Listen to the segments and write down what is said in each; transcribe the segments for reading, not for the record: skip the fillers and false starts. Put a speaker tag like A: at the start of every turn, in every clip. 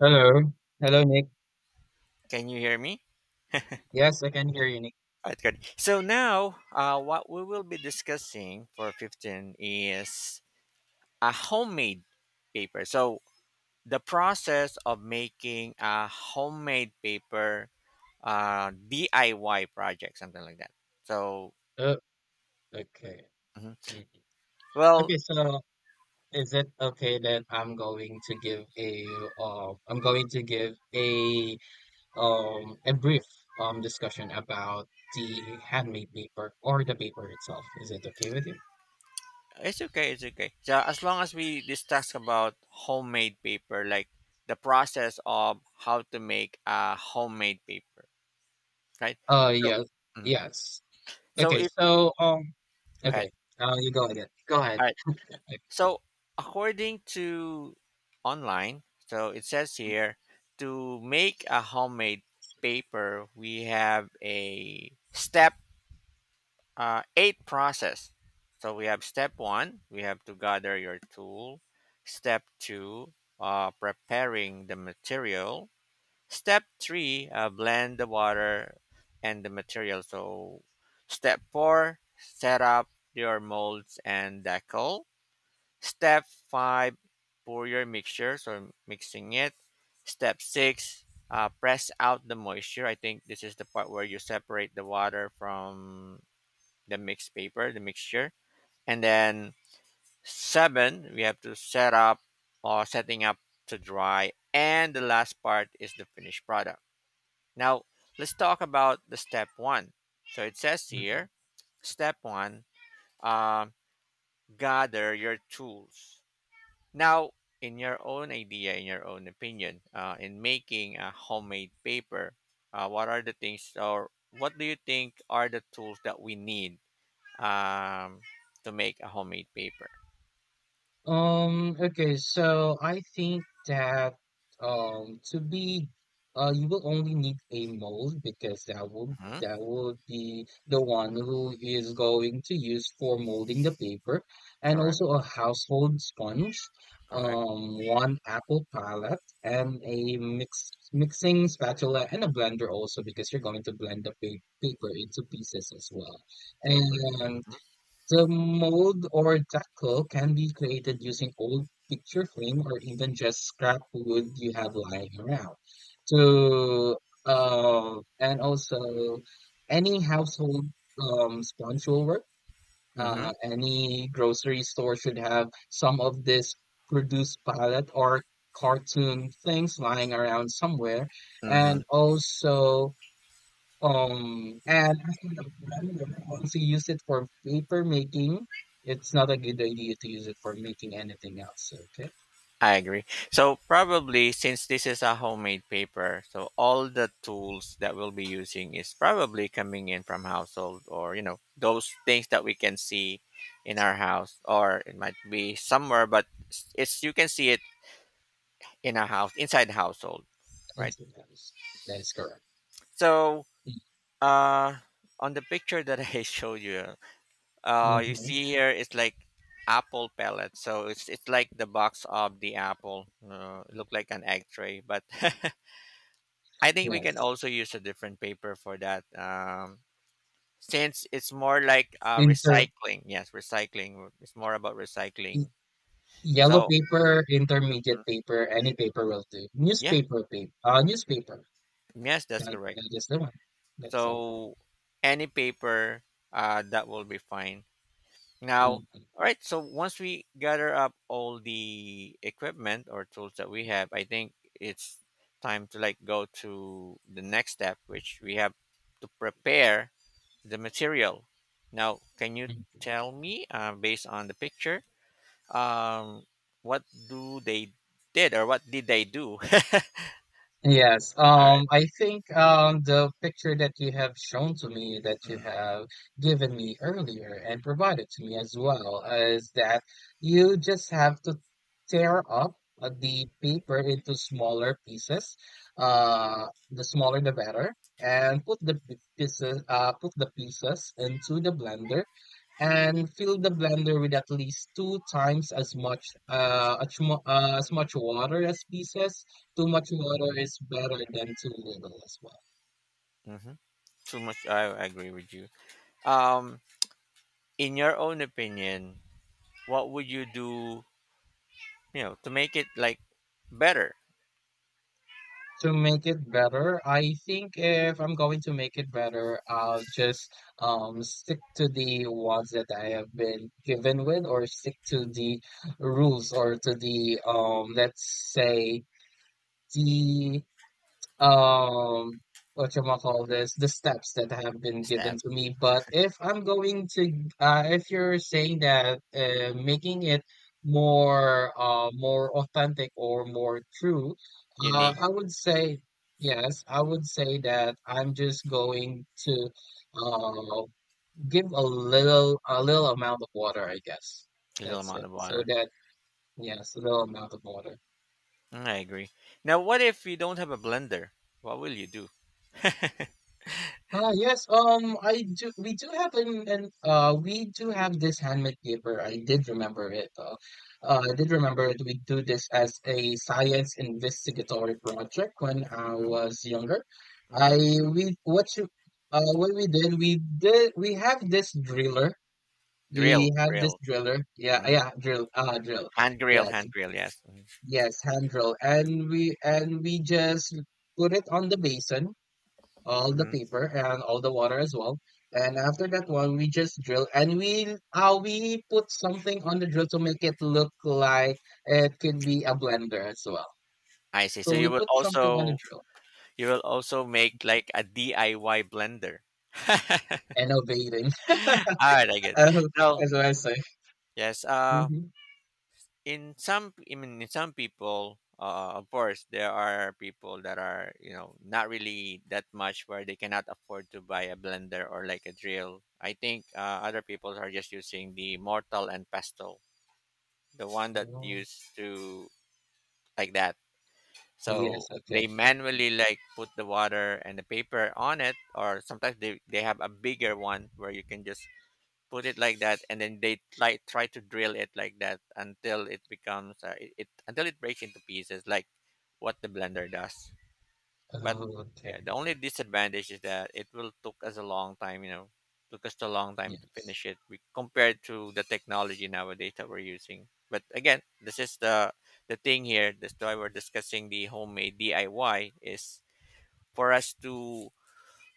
A: Hello. Hello, Nick.
B: Can you hear me?
A: Yes, I can hear you, Nick.
B: All right, good. So now, what we will be discussing for 15 is a homemade paper. So the process of making a homemade paper, DIY project, something like that. So,
A: Oh, okay.
B: mhm.
A: Mm.
B: Well,
A: Okay, so is it okay that I'm going to give a I'm going to give a brief discussion about the handmade paper or the paper itself? Is it okay with you?
B: it's okay, it's okay. So as long as we discuss about homemade paper, like the process of how to make a homemade paper, right? So,
A: Yes.
B: mhm.
A: Yes.
B: so
A: Okay,
B: if
A: so
B: go
A: okay.
B: ahead.
A: You go ahead. Go ahead.
B: All right. So, according to online, so it says here to make a homemade paper, we have a step eight process. So we have step one, we have to gather your tool. Step two, preparing the material. Step three, blend the water and the material. So step four, set up your molds and decal. Step 5 pour your mixture, so mixing it. Step 6 press out the moisture. I think this is the part where you separate the water from the mixed paper, the mixture. And then 7 we have to set up or setting up to dry, and the last part is the finished product. Now, let's talk about the step 1. So it says here, step 1, uh, gather your tools. Now, in your own idea, in your own opinion, in making a homemade paper, what are the things or what do you think are the tools that we need um, to make a homemade paper?
A: Okay, so I think that to be you will only need a mold, because that will
B: Hmm.
A: that will be the one who is going to use for molding the paper, and
B: Correct,
A: also a household sponge,
B: correct.
A: one apple palette and a mixing spatula and a blender also, because you're going to blend the pa paper into pieces as well.
B: Paper.
A: And. The mold or decal can be created using old picture frame or even just scrap wood you have lying around. So, and also any household sponge will work.
B: Mm-hmm.
A: Any grocery store should have some of this produce palette or cartoon things lying around somewhere.
B: Mm-hmm.
A: And also, and as for the blender, once you use it for paper making, it's not a good idea to use it for making anything else. Okay,
B: I agree. So probably since this is a homemade paper, so all the tools that we'll be using is probably coming in from household, or those things that we can see in our house, or it might be somewhere but it's, you can see it in a house inside the household, right?
A: incidents. That is correct.
B: So uh, on the picture that I showed you, uh, you
A: Mm-hmm.
B: see here it's like apple pellets. So it's like the box of the apple. It looked like an egg tray, but I think we can
A: Yes,
B: also use a different paper for that. Since it's more like
A: inter
B: recycling. Yes, recycling. It's more about
A: y-
B: recycling.
A: yellow
B: So
A: paper, intermediate paper, any paper will do.
B: yeah,
A: Newspaper paper, newspaper.
B: yes, that's
A: That,
B: correct.
A: that is the one. That's all.
B: So any paper, that will be fine. Now,
A: Mhm.
B: all right, so once we gather up all the equipment or tools that we have, I think it's time to like go to the next step, which we have to prepare the material. Now, can you tell me, based on the picture, um, what do they did, or what did they do?
A: Yes,
B: All right.
A: I think the picture that you have shown to me, that you have given me earlier and provided to me as well, is that you just have to tear up the paper into smaller pieces. The smaller the better, and put the put the pieces into the blender and fill the blender with at least two times as much as much water as pieces. Too much water is better than too little as well.
B: Mm-hmm. Too much. I agree with you. Um, in your own opinion, what would you do, to make it like better,
A: To make it better, I think if I'm going to make it better, I'll just stick to the ones that I have been given with, or stick to the rules, or to the let's say the um whatchamacallis, the steps that have been given
B: stab
A: to me. But if I'm going to if you're saying that making it more authentic or more true,
B: unique
A: I would say yes, I would say that I'm just going to uh give a little amount of water, I guess.
B: little
A: That's
B: amount
A: it.
B: of
A: So
B: water.
A: that yes, a little amount of water.
B: Mm, I agree. Now, what if you don't have a blender? What will you do?
A: Yes, I do we do have an we do have this handmade paper. I did remember it though. I did remember it. We do this as a science investigatory project when I
B: Hmm.
A: was younger. I
B: Hmm.
A: we what you what we did we did we have this driller. We
B: Drill,
A: have this
B: drill,
A: driller. Yeah,
B: hmm,
A: drill.
B: hand grill,
A: Yes.
B: hand grill. Yes. Mm-hmm.
A: Yes, hand drill. And we just put it on the basin all the
B: Mm-hmm.
A: paper and all the water as well. And after that one, we just drill and we put something on the drill to make it look like it could be a blender as well.
B: I see. So
A: So we
B: you will
A: put something on the
B: also,
A: drill,
B: you will also make like a DIY blender.
A: innovating.
B: All right, I get.
A: Oh,
B: No,
A: that's what I say.
B: yes. Uh,
A: Hmm.
B: in some I mean in some people of course there are people that are, not really that much, where they cannot afford to buy a blender or like a drill. I think other people are just using the mortal and pestle, the one that
A: Oh,
B: used to, like that, so
A: yes. Okay.
B: they manually like put the water and the paper on it, or sometimes they have a bigger one where you can just put it like that, and then they like try to drill it like that until it becomes it, it until it breaks into pieces like what the blender does. But
A: Oh, okay.
B: yeah, the only disadvantage is that it will took us a long time, took us a long time to
A: Yes.
B: finish it we, compared to the technology nowadays that we're using. But again, this is the thing here, this why we're discussing the homemade DIY is for us to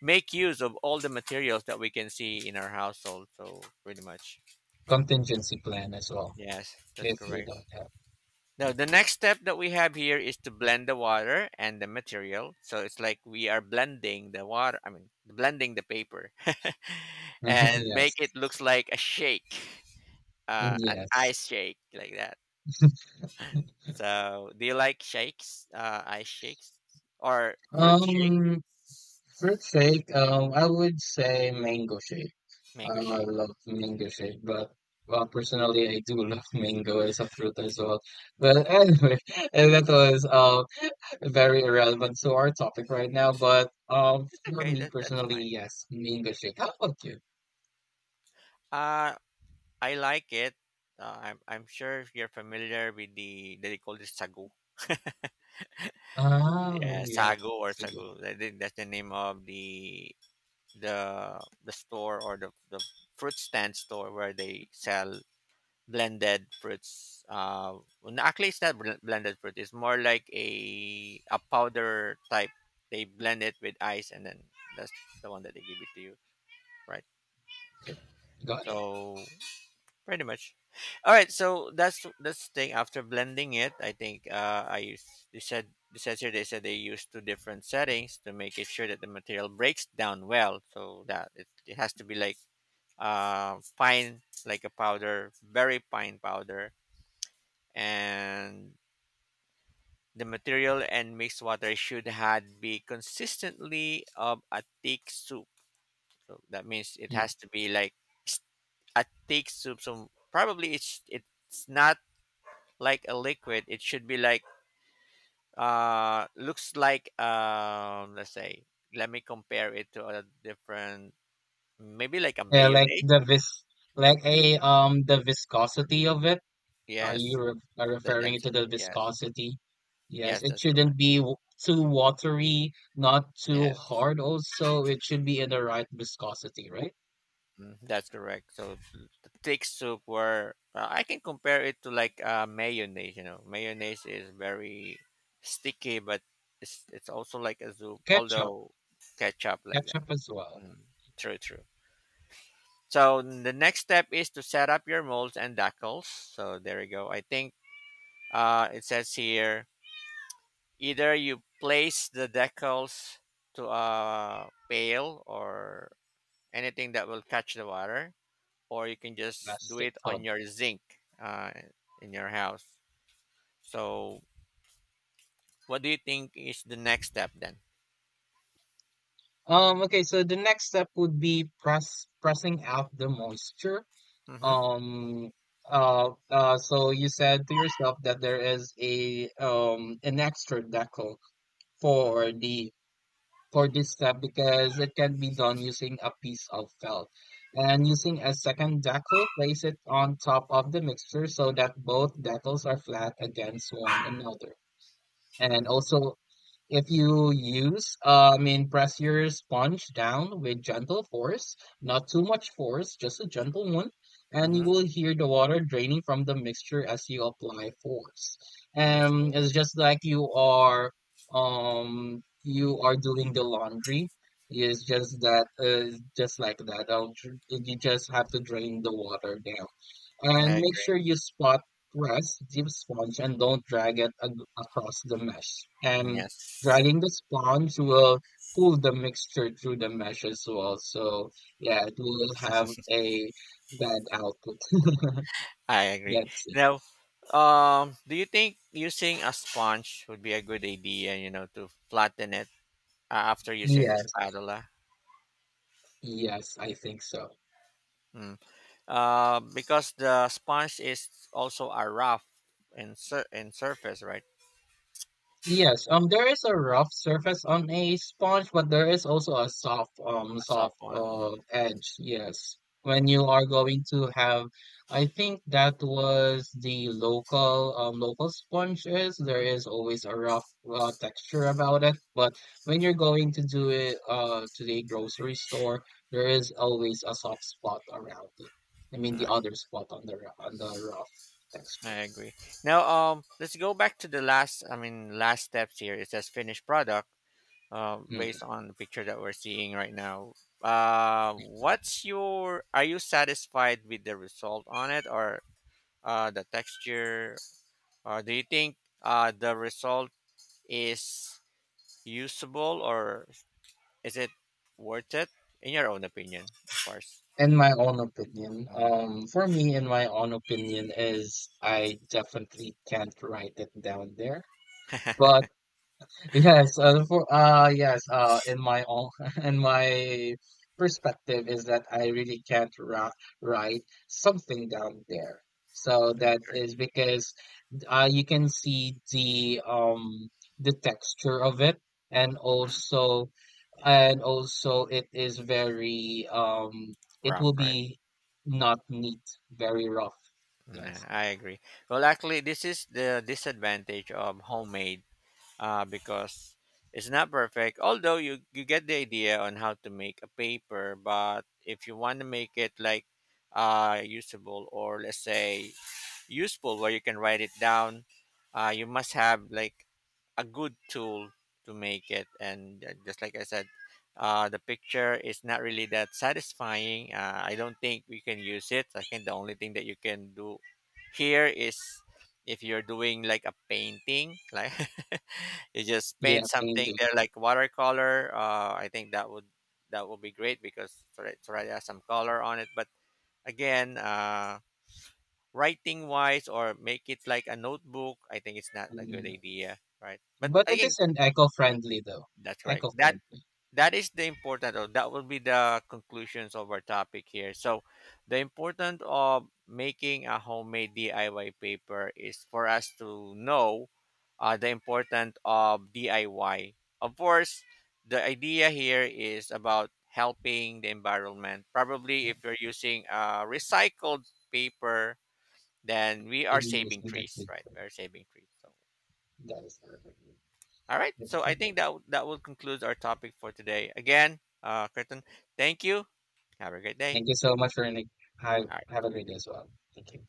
B: make use of all the materials that we can see in our household, so pretty much.
A: Contingency plan as well
B: Yes, that's
A: if we
B: correct.
A: don't have.
B: Now,
A: Mhm.
B: the next step that we have here is to blend the water and the material. So it's like we are blending the water, I mean, blending the paper and
A: Yes.
B: make it looks like a shake, an
A: Yes.
B: ice shake like that. So do you like shakes, ice shakes or fruit shake,
A: Um, fruit shake. I would say mango shake. I
B: mango
A: don't know, I
B: shake?
A: love mango shake, but well, personally, I do love mango as a fruit as well. But anyway, and that was very irrelevant to our topic right now. But for
B: Okay,
A: me
B: that, that's
A: personally,
B: fine.
A: yes, mango shake. How about you?
B: Uh, I like it. I'm sure you're familiar with the, they call this sagu.
A: Oh,
B: Yeah,
A: yes,
B: Sago or
A: it's a good.
B: Sago. I think that's the name of the store, or the fruit stand store where they sell blended fruits. Well, no, actually, it's not bl- blended fruit. It's more like a powder type. They blend it with ice, and then that's the one that they give it to you, right?
A: Okay, got it.
B: So pretty much, all right, so that's the thing after blending it. I think uh, I use they said they says here they said they use two different settings to make it sure that the material breaks down well, so that it has to be like uh, fine, like a powder, very fine powder, and the material and mixed water should had be consistently of a thick soup, so that means it
A: Mm.
B: has to be like s- a thick soup, so probably it's not like a liquid. It should be like uh, looks like um, let's say, let me compare it to a different, maybe like a
A: Yeah, like
B: mayonnaise.
A: the vis, like
B: Yeah.
A: a the viscosity of it. Are you
B: Yes, the
A: referring to the
B: density. Yes.
A: viscosity? Yes,
B: Yes,
A: it
B: that's
A: shouldn't
B: correct.
A: be too watery, not too
B: Yes.
A: hard also. It should be in the right viscosity, right?
B: Mm, that's correct. So thick soup where I can compare it to like mayonnaise, Mayonnaise is very sticky, but it's also like a soup,
A: Ketchup,
B: although ketchup like that.
A: ketchup as well.
B: Mm, true, true. So the next step is to set up your molds and decals. So there you go. I think it says here either you place the decals to a pail or anything that will catch the water, or you can just do
A: Plastic
B: it on
A: tub.
B: your zinc uh, in your house. So what do you think is the next step then?
A: Okay, so the next step would be pressing out the moisture.
B: Mm-hmm.
A: Um, so you said to yourself that there is a an extra decal
B: Mm-hmm.
A: for the for this step, because it can be done using a piece of felt. And using a second decal, place it on top of the mixture so that both decals are flat against one another. And
B: Mm-hmm.
A: also if you use, I mean, press your sponge down with gentle force, not too much force, just a gentle one, and you
B: Mm-hmm.
A: will hear the water draining from the mixture as you apply force.
B: That's,
A: And it's just like you are doing the laundry. It's just that, just like that. You just have to drain the water down.
B: I
A: And make
B: agree.
A: sure you spot grass, deep sponge, and don't drag it across the mesh. And
B: Yes.
A: dragging the sponge will pull the mixture through the mesh as well. So yeah, it will have a bad output.
B: I agree.
A: That's it.
B: Now, do you think using a sponge would be a good idea, to flatten it after using the
A: Yes,
B: spatula?
A: yes, I think so.
B: Mm. Because the sponge is also a rough and sur- and surface, right?
A: Yes, there is a rough surface on a sponge, but there is also a soft,
B: A
A: soft,
B: soft one. Mhm.
A: edge. Yes, when you are going to have, I think that was the local, local sponges. There
B: Mhm.
A: is always a rough, texture about it. But when you're going to do it, to the grocery store, there is always a soft spot around it. I mean, the
B: Right.
A: other spot on the on the rough texture.
B: I agree. Now, let's go back to the last. I mean, last steps here. It says finished product. Uh,
A: Hmm.
B: based on the picture that we're seeing right now. What's your? Are you satisfied with the result on it, or the texture? Or do you think the result is usable, or is it worth it? In your own opinion, of course.
A: In my own opinion,
B: Mhm.
A: for me, in my own opinion, is I definitely can't write it down there. But
B: I
A: yes, for yes, in my own, in my perspective, is that I really can't ra- write something down there. So that
B: agree.
A: is because you can see the texture of it, and also and also it is very it
B: Rough,
A: will
B: right?
A: be not neat, very rough,
B: Nah,
A: yes,
B: I agree. Well, actually, this is the disadvantage of homemade because it's not perfect. Although you get the idea on how to make a paper, but if you want to make it like usable, or let's say useful, where you can write it down. You must have like a good tool to make it. And just like I said, the picture is not really that satisfying. I don't think we can use it. I think the only thing that you can do here is if you're doing like a painting, like you just paint
A: yeah,
B: something
A: painting.
B: there like watercolor. I think that would, that would be great because it already has some color on it. But again, writing wise, or make it like a notebook, I think it's not a good
A: Mm.
B: idea, right? But
A: But it is
B: again,
A: an eco-friendly though.
B: that's right, that
A: Eco-friendly.
B: that is the important, or that will be the conclusions of our topic here. So the important of making a homemade DIY paper is for us to know the important of DIY, of course. The idea here is about helping the environment. Probably
A: Yeah,
B: if you're using recycled paper, then we are
A: in
B: saving
A: using that
B: trees,
A: big
B: right?
A: thing.
B: We're saving trees. So,
A: That is perfect.
B: all right. So I
A: Okay.
B: think that that will conclude our topic for today. Again, Curtin, thank you. Have a great day.
A: Thank you so much for having. have
B: All right.
A: have a great day as well, thank you.